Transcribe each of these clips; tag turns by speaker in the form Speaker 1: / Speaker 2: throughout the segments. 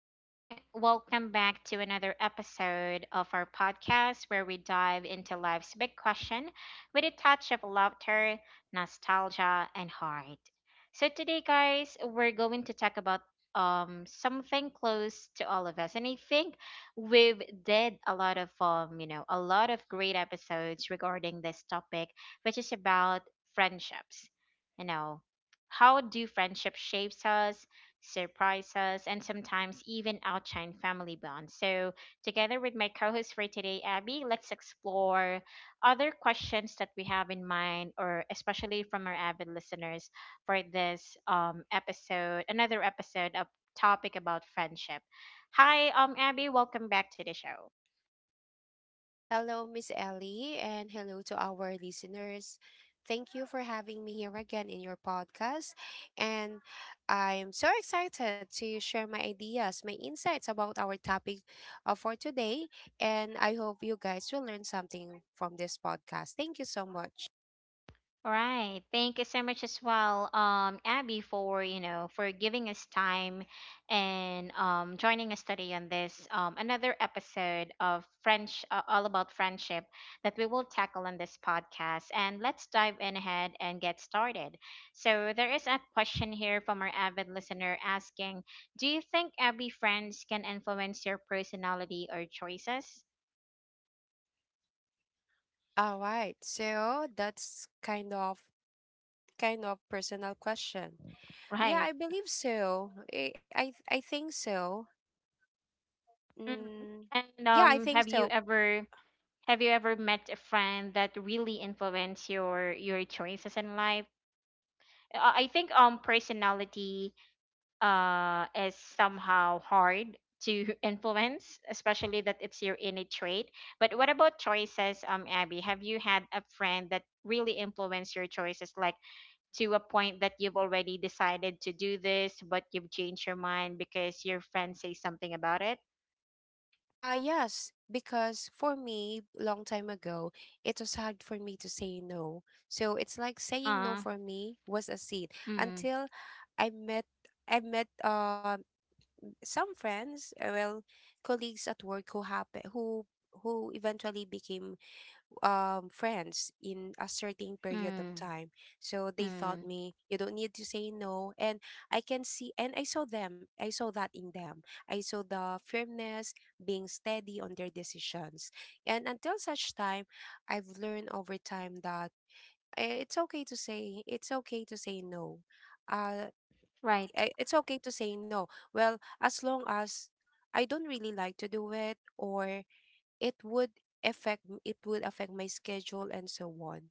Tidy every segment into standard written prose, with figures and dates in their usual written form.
Speaker 1: everyone. Welcome back to another episode of our podcast where we dive into life's big question with a touch of laughter, nostalgia, and heart. So, today, guys, we're going to talk about something close to all of us, and I think we've did a lot of a lot of great episodes regarding this topic, which is about friendships. You know, how do friendship shapes us, surprise us, and sometimes even outshine family bonds. So, together with my co host for today, Abby, let's explore other questions that we have in mind, or especially from our avid listeners for this episode, another episode of topic about friendship. Hi, Abby, welcome back to the show.
Speaker 2: Hello, Miss Ellie, and hello to our listeners. Thank you for having me here again in your podcast. And I'm so excited to share my ideas, my insights about our topic for today. And I hope you guys will learn something from this podcast. Thank you so much.
Speaker 1: Right. Thank you so much as well, Abby, for for giving us time and joining us today on this another episode of French, all about friendship that we will tackle on this podcast. And let's dive in ahead and get started. So there is a question here from our avid listener asking, "Do you think, Abby, friends can influence your personality or choices?"
Speaker 2: All right. So that's kind of personal question. Yeah,
Speaker 1: Right.
Speaker 2: I believe so. I think so.
Speaker 1: Mhm.
Speaker 2: Mm,
Speaker 1: And
Speaker 2: yeah, I
Speaker 1: have
Speaker 2: think
Speaker 1: you
Speaker 2: so.
Speaker 1: ever? Have you ever met a friend that really influenced your choices in life? I think personality is somehow hard to influence, especially that it's your innate trait. But what about choices, Abby? Have you had a friend that really influenced your choices, like to a point that you've already decided to do this, but you've changed your mind because your friend says something about it?
Speaker 2: Yes, because for me, long time ago, it was hard for me to say no. So it's like saying no
Speaker 1: Uh,
Speaker 2: for me was a sin
Speaker 1: mm,
Speaker 2: until I met I met some friends, well, colleagues at work who happen who eventually became friends in a certain period of
Speaker 1: mm,
Speaker 2: time. So they taught
Speaker 1: mm.
Speaker 2: me you don't need to say no, and I can see and I saw them. I saw that in them. I saw the firmness, being steady on their decisions, and until such time, I've learned over time that it's okay to say no. Uh,
Speaker 1: Right.
Speaker 2: it's okay to say no. Well, as long as I don't really like to do it or it would it would affect my schedule and so on,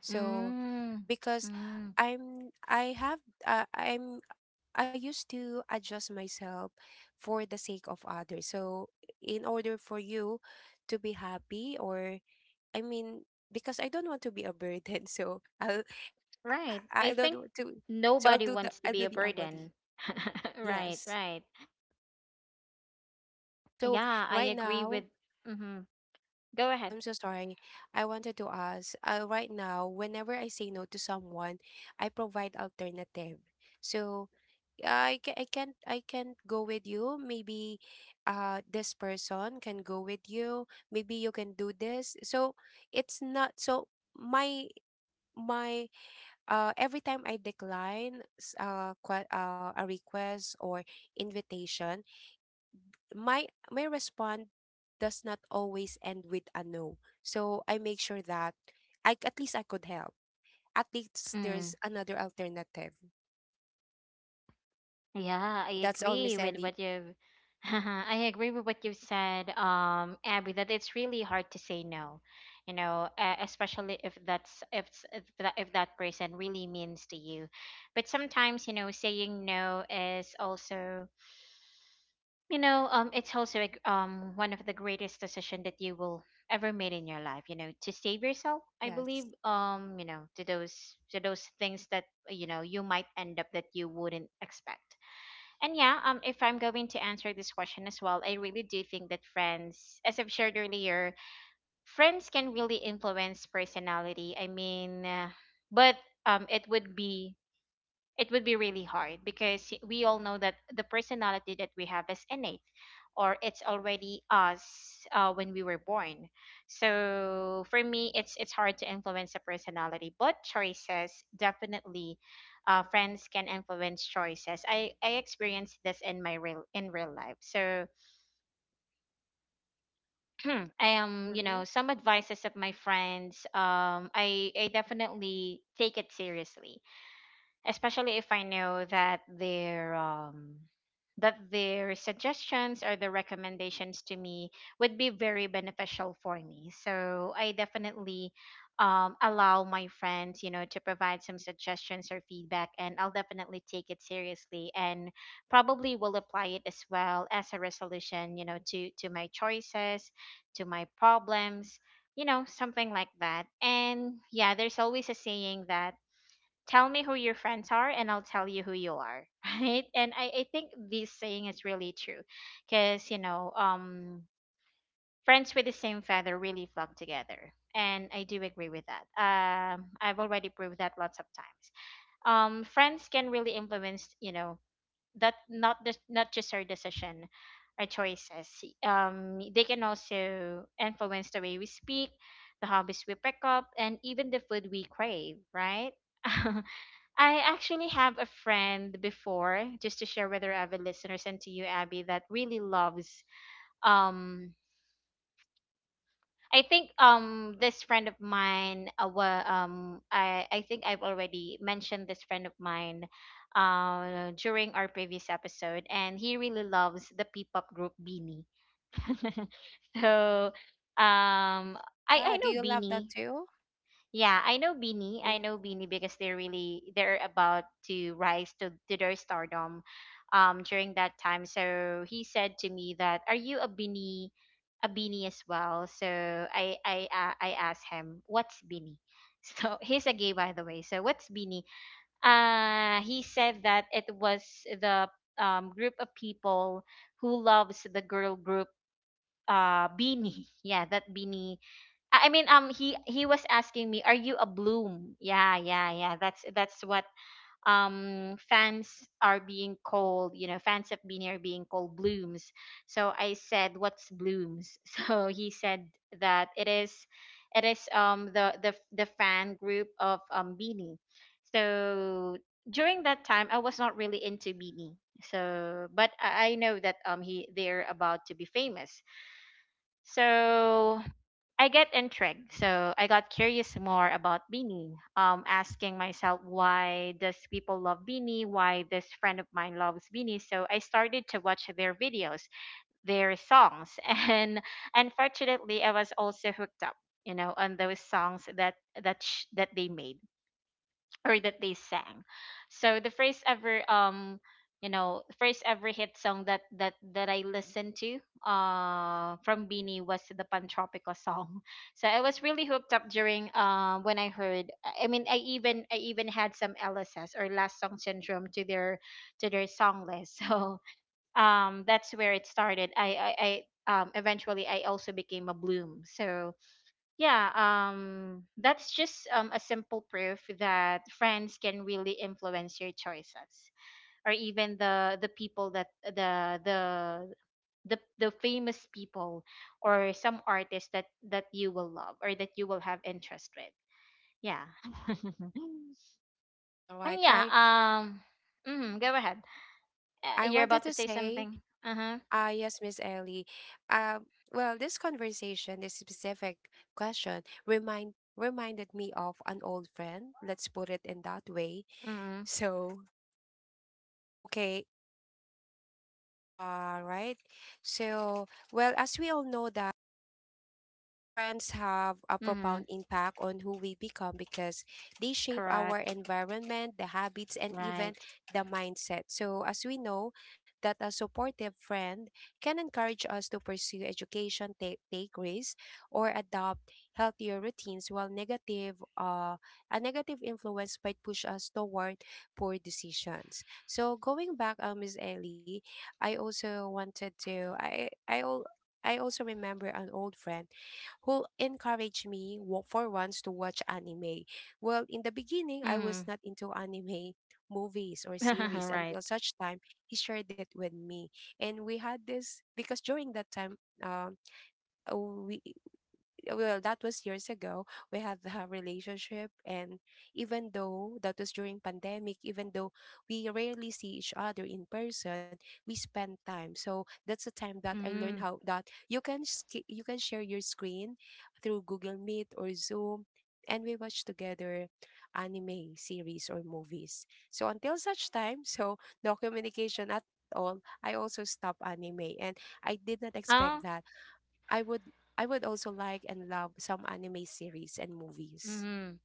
Speaker 2: so
Speaker 1: Mm,
Speaker 2: because
Speaker 1: mm,
Speaker 2: I'm I have I'm I used to adjust myself for the sake of others, so in order for you to be happy, or I mean, because I don't want to be a burden so i'll
Speaker 1: right. I
Speaker 2: i I don't
Speaker 1: think
Speaker 2: want to, so i'll
Speaker 1: nobody
Speaker 2: do the
Speaker 1: wants to
Speaker 2: i'll
Speaker 1: be
Speaker 2: do
Speaker 1: a
Speaker 2: the avoid,
Speaker 1: burden. Right,
Speaker 2: yes.
Speaker 1: right.
Speaker 2: So
Speaker 1: Yeah, I
Speaker 2: right
Speaker 1: agree with.
Speaker 2: now.
Speaker 1: Mm-hmm. Go
Speaker 2: Oh,
Speaker 1: ahead.
Speaker 2: I'm so sorry. I wanted to ask, right now, whenever I say no to someone, I provide alternative. So, I can't go with you. Maybe, this person can go with you. Maybe you can do this. So it's not so my every time I decline a request or invitation, my response does not always end with a no. So I make sure that I could help. At least
Speaker 1: Mm,
Speaker 2: there's another alternative.
Speaker 1: yeah,
Speaker 2: Yeah,
Speaker 1: I
Speaker 2: that's all,
Speaker 1: agree
Speaker 2: Miss
Speaker 1: with
Speaker 2: Ellie.
Speaker 1: what you've. I agree with what you've said, Abby, that it's really hard to say no, you know, especially if that's if, if that person really means to you. But sometimes, you know, saying no is also, you know, it's also a g one of the greatest decision that you will ever made in your life. You know, to save yourself, I believe.
Speaker 2: Yes.
Speaker 1: You know, to those things that you know, you might end up that you wouldn't expect. And yeah, if I'm going to answer this question as well, I really do think that friends, as I've shared earlier, friends can really influence personality. I mean, but it would be really hard because we all know that the personality that we have is innate, or it's already us when we were born. So for me, it's hard to influence a personality, but choices, definitely, friends can influence choices. I experienced this in my real in real life. So I am, you
Speaker 2: Mm-hmm.
Speaker 1: know, some advices of my friends, I definitely take it seriously, especially if I know that their suggestions or their recommendations to me would be very beneficial for me. So I definitely, allow my friends, you know, to provide some suggestions or feedback, and I'll definitely take it seriously and probably will apply it as well as a resolution, you know, to my choices, to my problems, you know, something like that. And yeah, there's always a saying that tell me who your friends are and I'll tell you who you are, right? And I think this saying is really true because, you know, friends with the same feather really flock together. And I do agree with that. I've already proved that lots of times. Friends can really influence, you know, that not just our decision, our choices. They can also influence the way we speak, the hobbies we pick up, and even the food we crave, right? I actually have a friend before, just to share with our avid listeners and to you, Abby, that really loves. Um, I think this friend of mine, I think I've already mentioned this friend of mine during our previous episode, and he really loves the P-pop group Beanie. So, um, I
Speaker 2: Yeah. Do
Speaker 1: know
Speaker 2: you love that
Speaker 1: Beanie.
Speaker 2: too?
Speaker 1: Yeah, I know Beanie. I
Speaker 2: Mm.
Speaker 1: know Beanie because they're really they're about to rise to their stardom during that time. So he said to me that are you a Beanie, as well? So I asked him, "What's Beanie?" So he's a gay by the way. So what's Beanie? Uh, he said that it was the group of people who loves the girl group, Beanie. Yeah, that Beanie. I mean, he he was asking me, "Are you a bloom?" Yeah, yeah, yeah. That's what fans are being called. You know, fans of Beanie are being called blooms. So I said, "What's blooms?" So he said that it is the fan group of Beanie. So during that time, I was not really into Beanie. So, but I know that he they're about to be famous. So I get intrigued, so I got curious more about Beanie, asking myself why does people love Beanie, why this friend of mine loves Beanie. So I started to watch their videos, their songs, and unfortunately, I was also hooked up, you know, on those songs that that they made or that they sang. So the first ever first ever hit song that I listened to from Beanie was the Pantropico song. So I was really hooked up during when I heard, I mean, I even had some LSS or last song syndrome to their song list. So that's where it started. I Eventually I also became a bloom. So yeah, that's just, a simple proof that friends can really influence your choices or even the people that the famous people or some artists that you will love or that you will have interest with, yeah.
Speaker 2: All
Speaker 1: And
Speaker 2: right.
Speaker 1: yeah,
Speaker 2: I.
Speaker 1: go ahead. Uh,
Speaker 2: I
Speaker 1: you're
Speaker 2: wanted
Speaker 1: about to
Speaker 2: to
Speaker 1: say
Speaker 2: say,
Speaker 1: something. Uh-huh.
Speaker 2: ah, yes, Miss Ellie. Um, well, this conversation, this specific question, reminded me of an old friend. Let's put it in that way.
Speaker 1: Mm-hmm,
Speaker 2: So, okay. Right. So, well, as we all know that. Friends have a profound
Speaker 1: mm-hmm.
Speaker 2: impact on who we become because they shape our
Speaker 1: Correct.
Speaker 2: environment, the habits, and even
Speaker 1: Right.
Speaker 2: the mindset. So, as we know, that a supportive friend can encourage us to pursue education, take risks, or adopt healthier routines, while a negative influence might push us toward poor decisions. So, going back, Ms. Ellie, I also wanted to, I also remember an old friend who encouraged me for once to watch anime. Well, in the beginning, I
Speaker 1: Mm-hmm.
Speaker 2: was not into anime movies or series
Speaker 1: Right.
Speaker 2: until such time he shared it with me. And we had this because during that time, um, we well that was years ago, we had a relationship, and even though that was during pandemic, even though we rarely see each other in person, we spend time. So that's the time that I learned
Speaker 1: Mm-hmm.
Speaker 2: how that you can you can share your screen through Google Meet or Zoom, and we watch together anime series or movies. So until such time, so no communication at all, I also stopped anime. And I did not expect
Speaker 1: Um,
Speaker 2: that I would I would also like and love some anime series and movies.
Speaker 1: mm-hmm.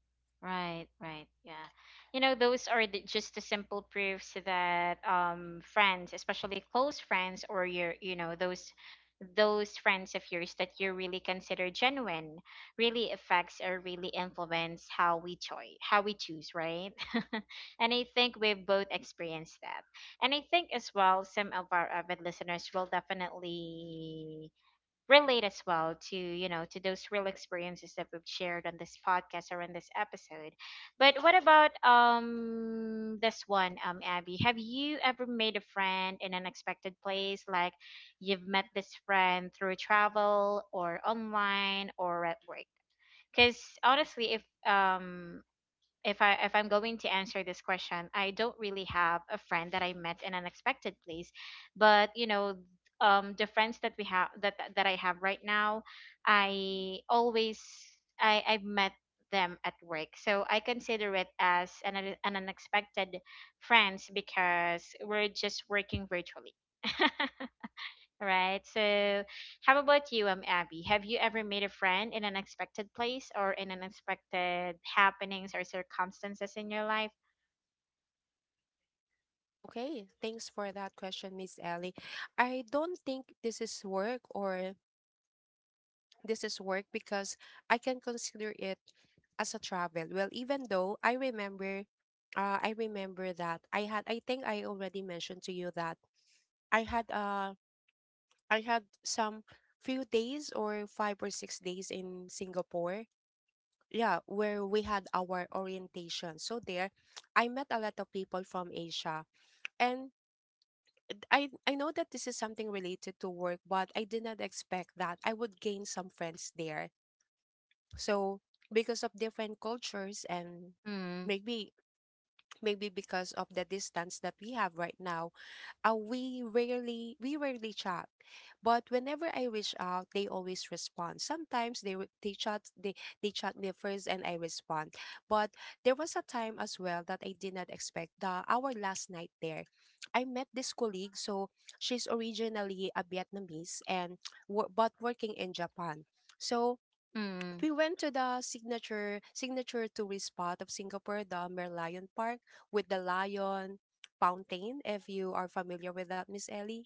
Speaker 1: Right, right. Yeah. You know, those are the, just the simple proofs that friends, especially close friends or your, you know, those friends of yours that you really consider genuine really affects or really influence how we choose, right? And I think we've both experienced that, and I think as well some of our avid listeners will definitely relate as well to, you know, to those real experiences that we've shared on this podcast or on this episode. But what about, this one, Abby, have you ever made a friend in an unexpected place, like you've met this friend through travel or online or at work? Because honestly, if I, if I'm going to answer this question, I don't really have a friend that I met in an unexpected place, but you know, the friends that we have that that that I have right now, I always, I've met them at work, so I consider it as an an unexpected friends because we're just working virtually. Right. So, how about you, Abby? Have you ever made a friend in an unexpected place or in unexpected happenings or circumstances in your life?
Speaker 2: Okay, thanks for that question, Miss Ellie. I don't think this is work, or this is work because I can consider it as a travel. Well, even though I remember that I had, I think I already mentioned to you that I had uh I had some few days, or 5 or 6 days in Singapore, yeah, where we had our orientation. So there I met a lot of people from Asia, and I know that this is something related to work, but I did not expect that I would gain some friends there. So because of different cultures and
Speaker 1: Mm.
Speaker 2: maybe maybe because of the distance that we have right now, we rarely chat, but whenever I reach out they always respond. Sometimes they chat they chat me first and I respond. But there was a time as well that I did not expect. The our last night there, I met this colleague. So she's originally a Vietnamese and but working in Japan. So
Speaker 1: Mm.
Speaker 2: we went to the signature tourist spot of Singapore, the Merlion Park, with the lion fountain. If you are familiar with that, Miss Ellie.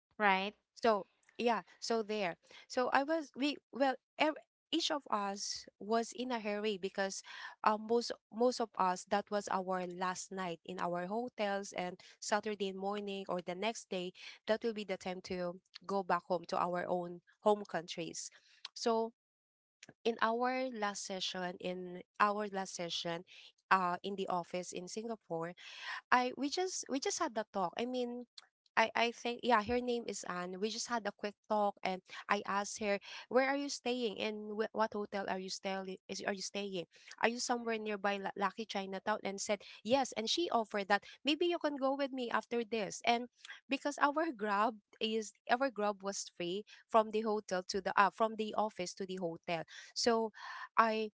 Speaker 1: Right.
Speaker 2: So yeah, so there. So I was we well ev- each of us was in a hurry because most of us, that was our last night in our hotels, and Saturday morning or the next day that will be the time to go back home to our own home countries. So in our last session in our last session in the office in Singapore, I we just had the talk. I mean, I think, yeah, her name is Anne. We just had a quick talk, and I asked her, "Where are you staying? And what hotel are you staying? Is Are you staying? Are you somewhere nearby Lucky Chinatown?" And said yes, and she offered that maybe you can go with me after this, and because our grab was free from the hotel to the from the office to the hotel. So I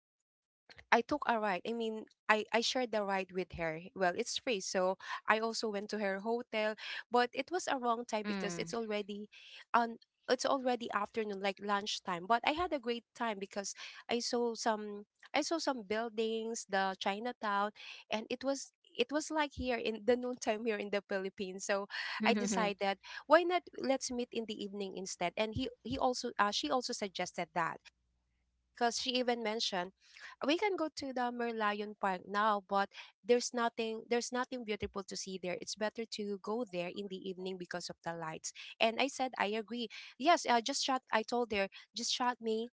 Speaker 2: I took a ride. I mean, I shared the ride with her. Well, it's free, so I also went to her hotel, but it was a wrong time because
Speaker 1: Mm.
Speaker 2: on it's already afternoon, like lunchtime, but I had a great time because i saw some I saw some buildings, the Chinatown. And it was like here in the noontime here in the Philippines. So I decided, why not, let's meet in the evening instead. And he also she also suggested that, because she even mentioned, we can go to the Merlion Park now, but there's nothing beautiful to see there. It's better to go there in the evening because of the lights. And I said I agree. Yes, just shot. I told her, just shot me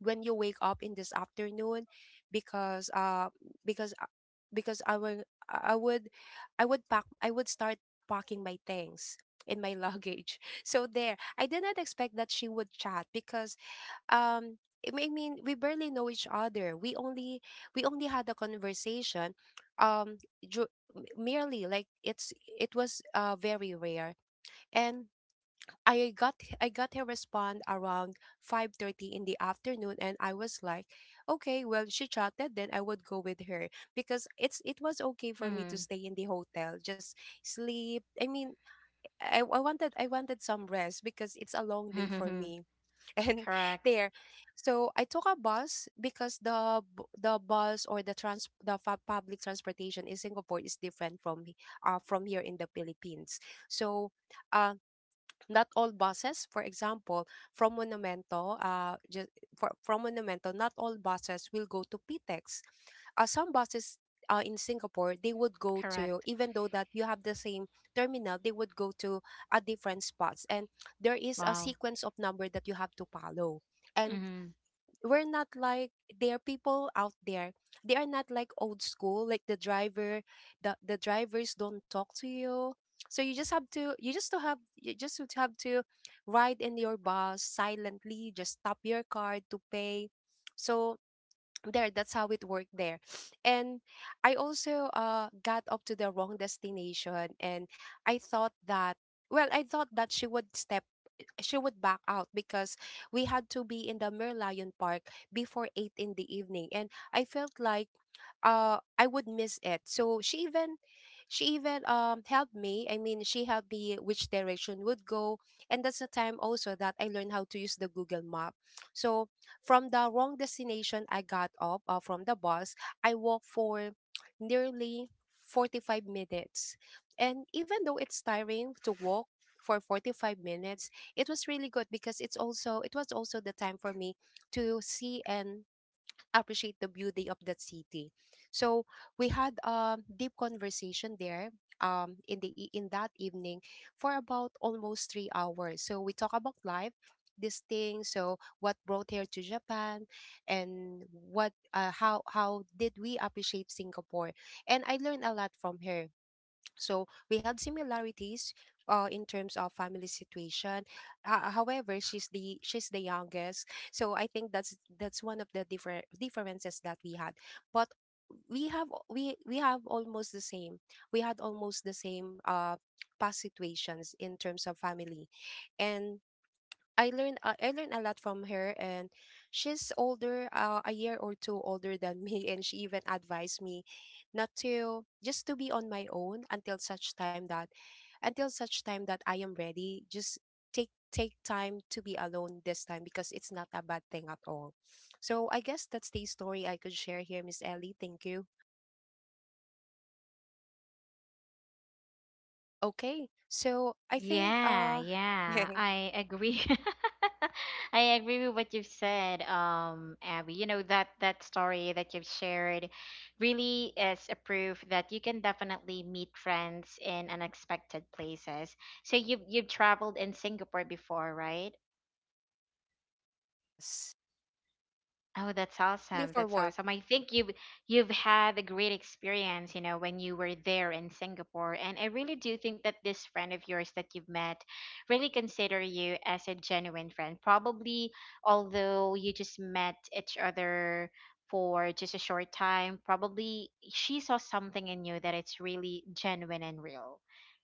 Speaker 2: when you wake up in this afternoon, because because uh, because I would I would pack, I would start packing my things in my luggage. So there, I did not expect that she would chat because um I mean, we barely know each other. We only had a conversation, um ju- merely, like it's, it was very rare. And I got her respond around 5:30 in the afternoon, and I was like, okay, well she chatted, then I would go with her because it was okay for me to
Speaker 1: Mm.
Speaker 2: stay in the hotel, just sleep. I mean, I wanted some rest because it's a long day for me. And
Speaker 1: Correct.
Speaker 2: there, so I took a bus because the bus or the trans the fa- public transportation in Singapore is different from from here in the Philippines. So uh, not all buses, for example, from Monumento, from Monumento not all buses will go to Pitex. Uh, some buses in Singapore, they would go to,
Speaker 1: Correct.
Speaker 2: even though that you have the same terminal, they would go to a different spots. And there is a
Speaker 1: Wow.
Speaker 2: sequence of number that you have to follow. And we're not like, there are people out there, they are not like old school, like the driver, the drivers don't talk to you. So you just have to, you just to have to ride in your bus silently, just tap your card to pay. So there, that's how it worked there. And I also got up to the wrong destination. And I thought that, well, I thought that she would step, like, she would back out because we had to be in the Merlion Park before 8 in the evening, and I felt like I would miss it. So she even helped me. I mean, she helped me which direction would go. And that's the time also that I learned how to use the Google map. So from the wrong destination I got up from the bus, I walked for nearly 45 minutes. And even though it's tiring to walk for 45 minutes, it was really good because it's also it was also the time for me to see and appreciate the beauty of that city. So we had a deep conversation there in the in that evening for about almost 3 hours. So we talk about life this thing, so what brought here to Japan, and what how did we appreciate Singapore, and I learned a lot from her. So we had similarities in terms of family situation. However, she's the youngest, so I think that's one of the different differences that we had. But we we have almost the same. We had almost the same past situations in terms of family, and I learned a lot from her, and she's older, a year or two older than me, and she even advised me not to just to be on my own until such time that I am ready. Just take time to be alone this time because it's not a bad thing at all. So I guess that's the story I could share here, Miss Ellie. Thank you. Okay, so I think
Speaker 1: Yeah, yeah, I agree. I agree with what you've said, Abby. You know that that story that you've shared really is a proof that you can definitely meet friends in unexpected places. So you've traveled in Singapore before, right?
Speaker 2: yes,
Speaker 1: Oh, that's
Speaker 2: only
Speaker 1: awesome.
Speaker 2: for
Speaker 1: That's
Speaker 2: work.
Speaker 1: awesome. I think you've had a great experience, you know, when you were there in Singapore. And I really do think that this friend of yours that you've met really consider you as a genuine friend. Probably, although you just met each other for just a short time, probably she saw something in you that it's really genuine and real.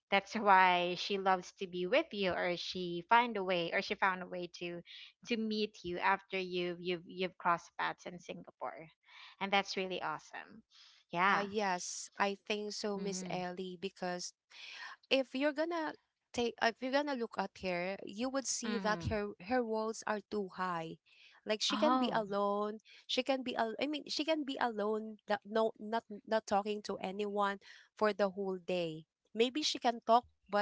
Speaker 1: That's why she loves to be with you, or she find a way, or she found a way to meet you after you've crossed paths in Singapore, and that's really awesome. Yeah.
Speaker 2: Yes, I think so, Miss
Speaker 1: Mhm.
Speaker 2: Ellie, because if you're gonna take if you're gonna look at her, you would see that
Speaker 1: Mhm.
Speaker 2: her walls are too high. Like she can be
Speaker 1: Oh.
Speaker 2: alone, she can be al- I mean, she can be alone, that not talking to anyone for the whole day. Maybe she can talk, but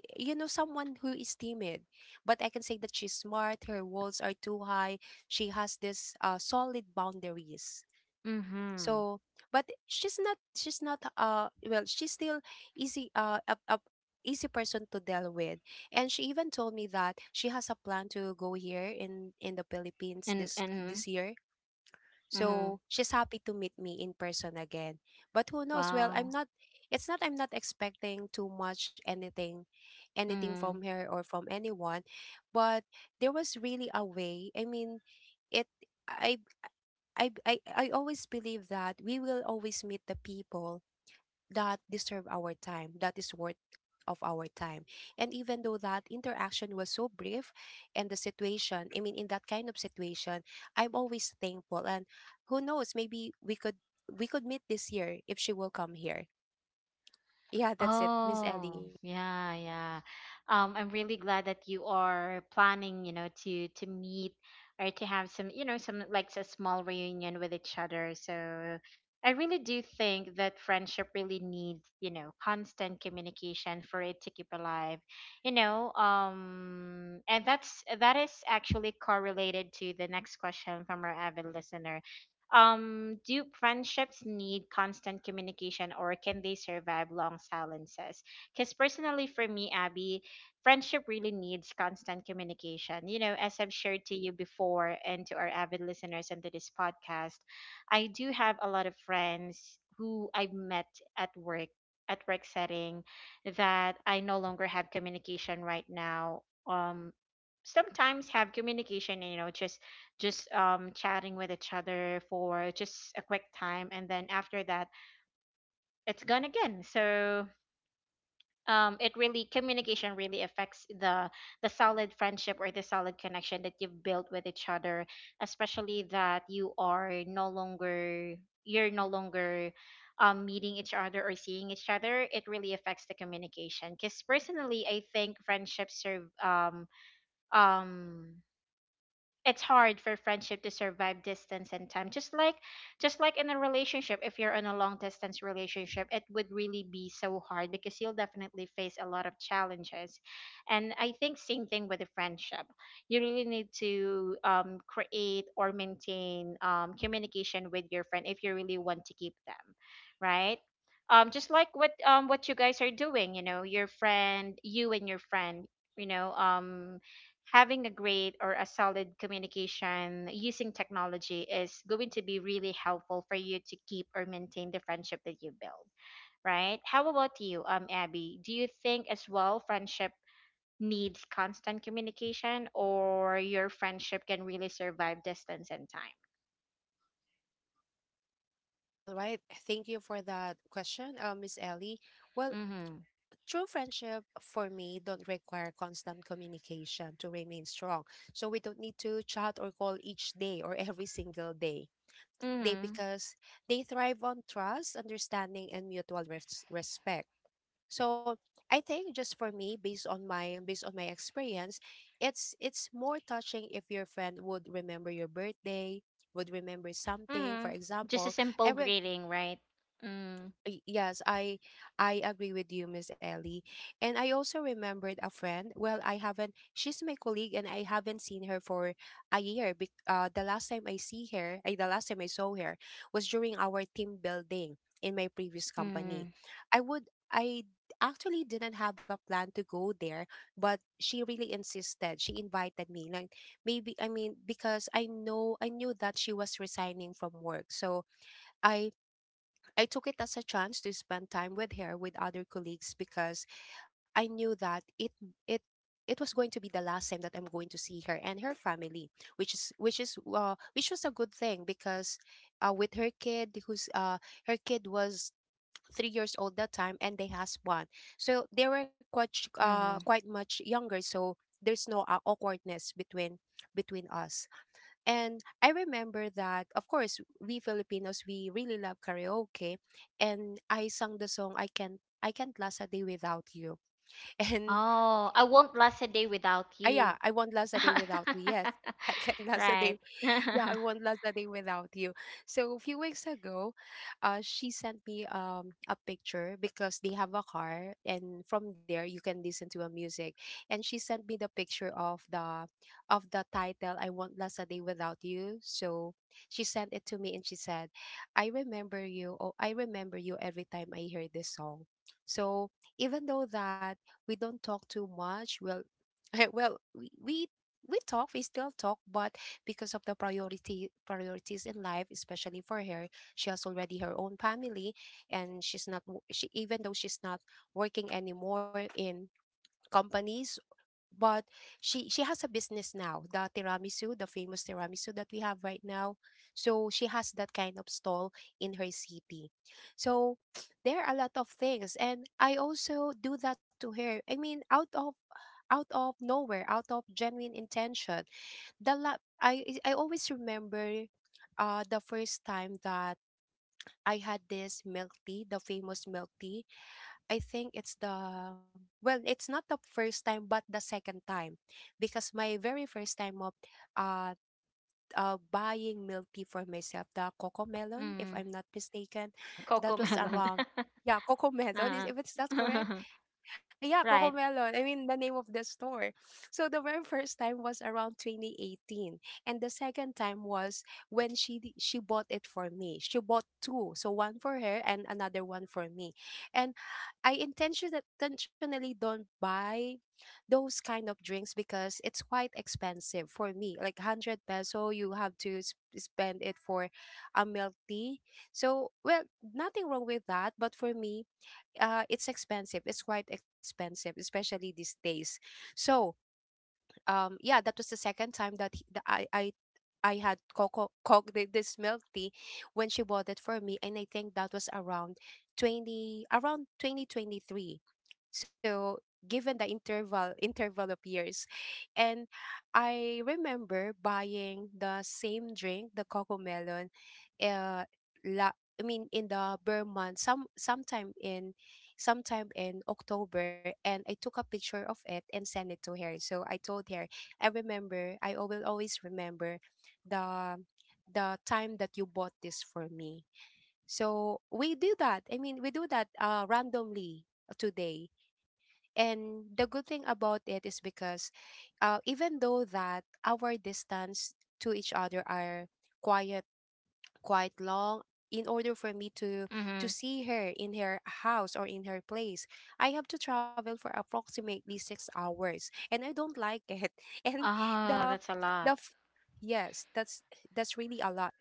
Speaker 2: you know, someone who is timid. But I can say that she's smart, her walls are too high, she has this solid boundaries,
Speaker 1: Mhm.
Speaker 2: so but she's not well she's still easy a easy person to deal with. And she even told me that she has a plan to go here in the Philippines this
Speaker 1: And
Speaker 2: year,
Speaker 1: mhm.
Speaker 2: so she's happy to meet me in person again. But who knows, well, I'm
Speaker 1: Wow.
Speaker 2: not it's not, I'm not expecting too much, anything from
Speaker 1: Mhm.
Speaker 2: her or from anyone. But there was really a way, I mean, it I I always believe that we will always meet the people that deserve our time, that is worth of our time. And even though that interaction was so brief and the situation, I mean in that kind of situation, I'm always thankful. And who knows, maybe we could meet this year if she will come here. Yeah, that's it, Miss Ellie.
Speaker 1: Oh, yeah, yeah. I'm really glad that you are planning, you know, to meet or to have some, you know, some like a small reunion with each other. So I really do think that friendship really needs, you know, constant communication for it to keep alive. You know, and that is actually correlated to the next question from our avid listener, do friendships need constant communication or can they survive long silences? Because personally, for me, Abby, friendship really needs constant communication. You know, as I've shared to you before and to our avid listeners and to this podcast, I do have a lot of friends who I've met at work, at work setting, that I no longer have communication right now. Sometimes have communication, you know, just chatting with each other for just a quick time, and then after that it's gone again. So it really, communication really affects the solid friendship or the solid connection that you've built with each other, especially that you're no longer meeting each other or seeing each other. It really affects the communication, because personally I think friendships serve um it's hard for friendship to survive distance and time. Just like in a relationship, if you're in a long distance relationship, it would really be so hard because you'll definitely face a lot of challenges. And I think same thing with a friendship. You really need to create or maintain communication with your friend if you really want to keep them, right? Just like what you guys are doing, you know, your friend, you and your friend, you know um having a great or a solid communication using technology is going to be really helpful for you to keep or maintain the friendship that you build, right? How about you, Abby? Do you think as well friendship needs constant communication, or your friendship can really survive distance and time?
Speaker 2: All right. Thank you for that question, Miss Ellie. Well,
Speaker 1: Mm-hmm.
Speaker 2: true friendship for me don't require constant communication to remain strong. So we don't need to chat or call each day or every single day. They,
Speaker 1: Mm-hmm.
Speaker 2: because they thrive on trust, understanding and mutual respect. So I think, just for me, based on my experience, it's more touching if your friend would remember your birthday, would remember something. For
Speaker 1: Mm-hmm. Just a
Speaker 2: example, I,
Speaker 1: simple
Speaker 2: re-
Speaker 1: greeting, right? Mm-hmm.
Speaker 2: Yes, I agree with you, Miss Ellie. And I also remembered a friend. Well, I haven't. She's my colleague, and I haven't seen her for a year. The last time I see her, the last time I saw her was during our team building in my previous company. I would. I actually didn't have a plan to go there, but she really insisted. She invited me. Like maybe, I mean, because I know, I knew that she was resigning from work, so I I took it as a chance to spend time with her with other colleagues because I knew that it it was going to be the last time that I'm going to see her and her family, which is which was a good thing because with her kid who's her kid was 3 years old that time and they has one, so they were
Speaker 1: Mm-hmm.
Speaker 2: quite much younger, so there's no awkwardness between us. And I remember that, of course, we Filipinos, we really love karaoke. And I sang the song, I Can't Last a Day Without You. And
Speaker 1: Oh, I won't last a day without
Speaker 2: yeah,
Speaker 1: you.
Speaker 2: I won't last a day without you. Yes, I can't last a day
Speaker 1: Right.
Speaker 2: yeah, I won't last a day without you. So a few weeks ago, she sent me a picture because they have a car, and from there you can listen to a music. And she sent me the picture of the title "I Won't Last a Day Without You." So she sent it to me, and she said, "I remember you. Oh, I remember you every time I hear this song." So even though that we don't talk too much, well, well, we talk, we still talk, but because of the priority priorities in life, especially for her, she has already her own family. And she, even though she's not working anymore in companies, but she has a business now, the tiramisu, the famous tiramisu that we have right now. So she has that kind of stall in her city. So there are a lot of things, and I also do that to her. I mean, out of nowhere, out of genuine intention. I always remember the first time that I had this milk tea, the famous milk tea. I think it's the, well, it's not the first time but the second time, because my very first time of uh, buying milk tea for myself, the Coco Melon if
Speaker 1: Mm.
Speaker 2: I'm not mistaken,
Speaker 1: Coco
Speaker 2: that was
Speaker 1: melon.
Speaker 2: around, yeah, Coco Melon is,
Speaker 1: Uh,
Speaker 2: if it's not correct. Yeah,
Speaker 1: right.
Speaker 2: Cocomelon. I mean, the name of the store. So the very first time was around 2018, and the second time was when she bought it for me. She bought two, so one for her and another one for me. And I intentionally don't buy those kind of drinks because it's quite expensive for me. Like hundred peso, you have to spend it for a milk tea. So well, nothing wrong with that, but for me it's expensive. It's quite expensive, especially these days. So, yeah, that was the second time that, he, that I had this milk tea when she bought it for me, and I think that was around 2023. So given the interval of years, and I remember buying the same drink, the cocoa melon, uh, I mean in the Burman, sometime in October, and I took a picture of it and sent it to her. So I told her, I remember, will always remember the the time that you bought this for me. So we do that. I mean, we do that randomly today. And the good thing about it is because even though that our distance to each other are quiet quite long, in order for me to
Speaker 1: Mm-hmm.
Speaker 2: see her in her house or in her place, I have to travel for approximately 6 hours and I don't like it. And
Speaker 1: Oh,
Speaker 2: the
Speaker 1: that's a lot.
Speaker 2: the f- yes, that's really a lot.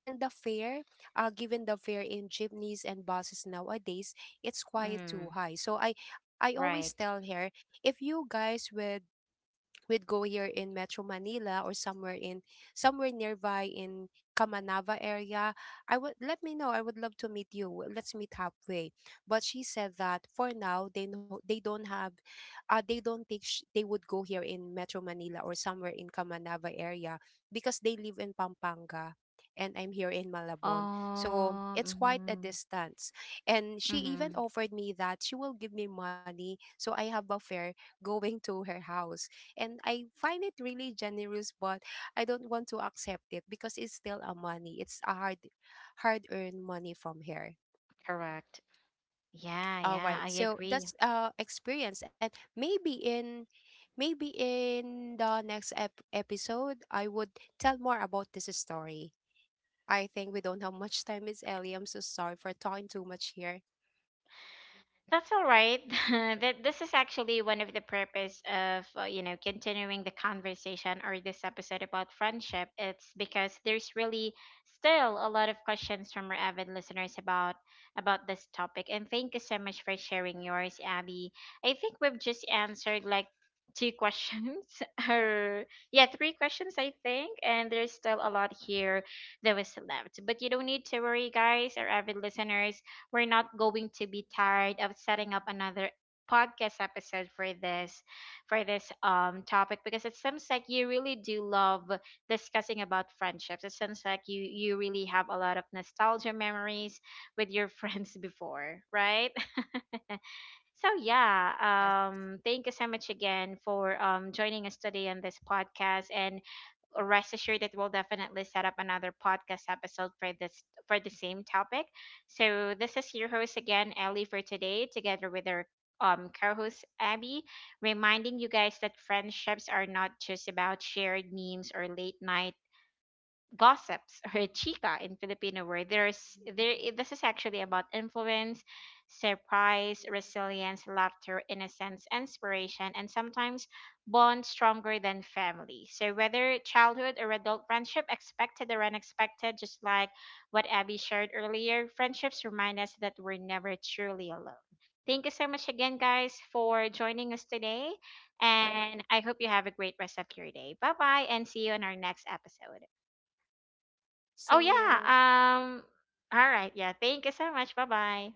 Speaker 2: And the fare, given the fare in jeepneys and buses nowadays, it's quite
Speaker 1: Mm,
Speaker 2: too high. So I always
Speaker 1: right.
Speaker 2: tell her, if you guys would we'd go here in Metro Manila or somewhere in somewhere nearby in Camanava area, I would let me know. I would love to meet you. Let's meet halfway. But she said that for now they don't have, they don't think they would go here in Metro Manila or somewhere in Camanava area, because they live in Pampanga. And I'm here in Malabon. So
Speaker 1: Oh,
Speaker 2: it's quite a
Speaker 1: mm-hmm.
Speaker 2: distance. And she even
Speaker 1: Mm-hmm.
Speaker 2: offered me that she will give me money so I have a fare going to her house, and I find it really generous, but I don't want to accept it because it's still a money. It's a hard, hard earned money from here.
Speaker 1: Correct. Yeah,
Speaker 2: All
Speaker 1: yeah,
Speaker 2: right,
Speaker 1: I
Speaker 2: so
Speaker 1: agree.
Speaker 2: that's experience, and maybe in, maybe in the next episode, I would tell more about this story. I think we don't have much time, Miss Ellie. I'm so sorry for talking too much here.
Speaker 1: That's all right. That this is actually one of the purpose of you know, continuing the conversation or this episode about friendship. It's because there's really still a lot of questions from our avid listeners about this topic. And thank you so much for sharing yours, Abby. I think we've just answered like 2 questions or yeah, 3 questions I think, and there's still a lot here that was left. But you don't need to worry, guys, or avid listeners, we're not going to be tired of setting up another podcast episode for this, topic, because it seems like you really do love discussing about friendships. It seems like you really have a lot of nostalgia memories with your friends before, right? So yeah,
Speaker 2: Yes,
Speaker 1: thank you so much again for joining us today on this podcast, and rest assured that we'll definitely set up another podcast episode for this, for the same topic. So this is your host again, Ellie, for today, together with our co-host Abby, reminding you guys that friendships are not just about shared memes or late night gossips or chica in Filipino word. This is actually about influence, surprise, resilience, laughter, innocence, inspiration, and sometimes bond stronger than family. So whether childhood or adult friendship, expected or unexpected, just like what Abby shared earlier, friendships remind us that we're never truly alone. Thank you so much again, guys, for joining us today. And I hope you have a great rest of your day. Bye bye, and see you in our next episode. Oh
Speaker 2: see
Speaker 1: yeah.
Speaker 2: you.
Speaker 1: All right. Yeah. Thank you so much. Bye-bye.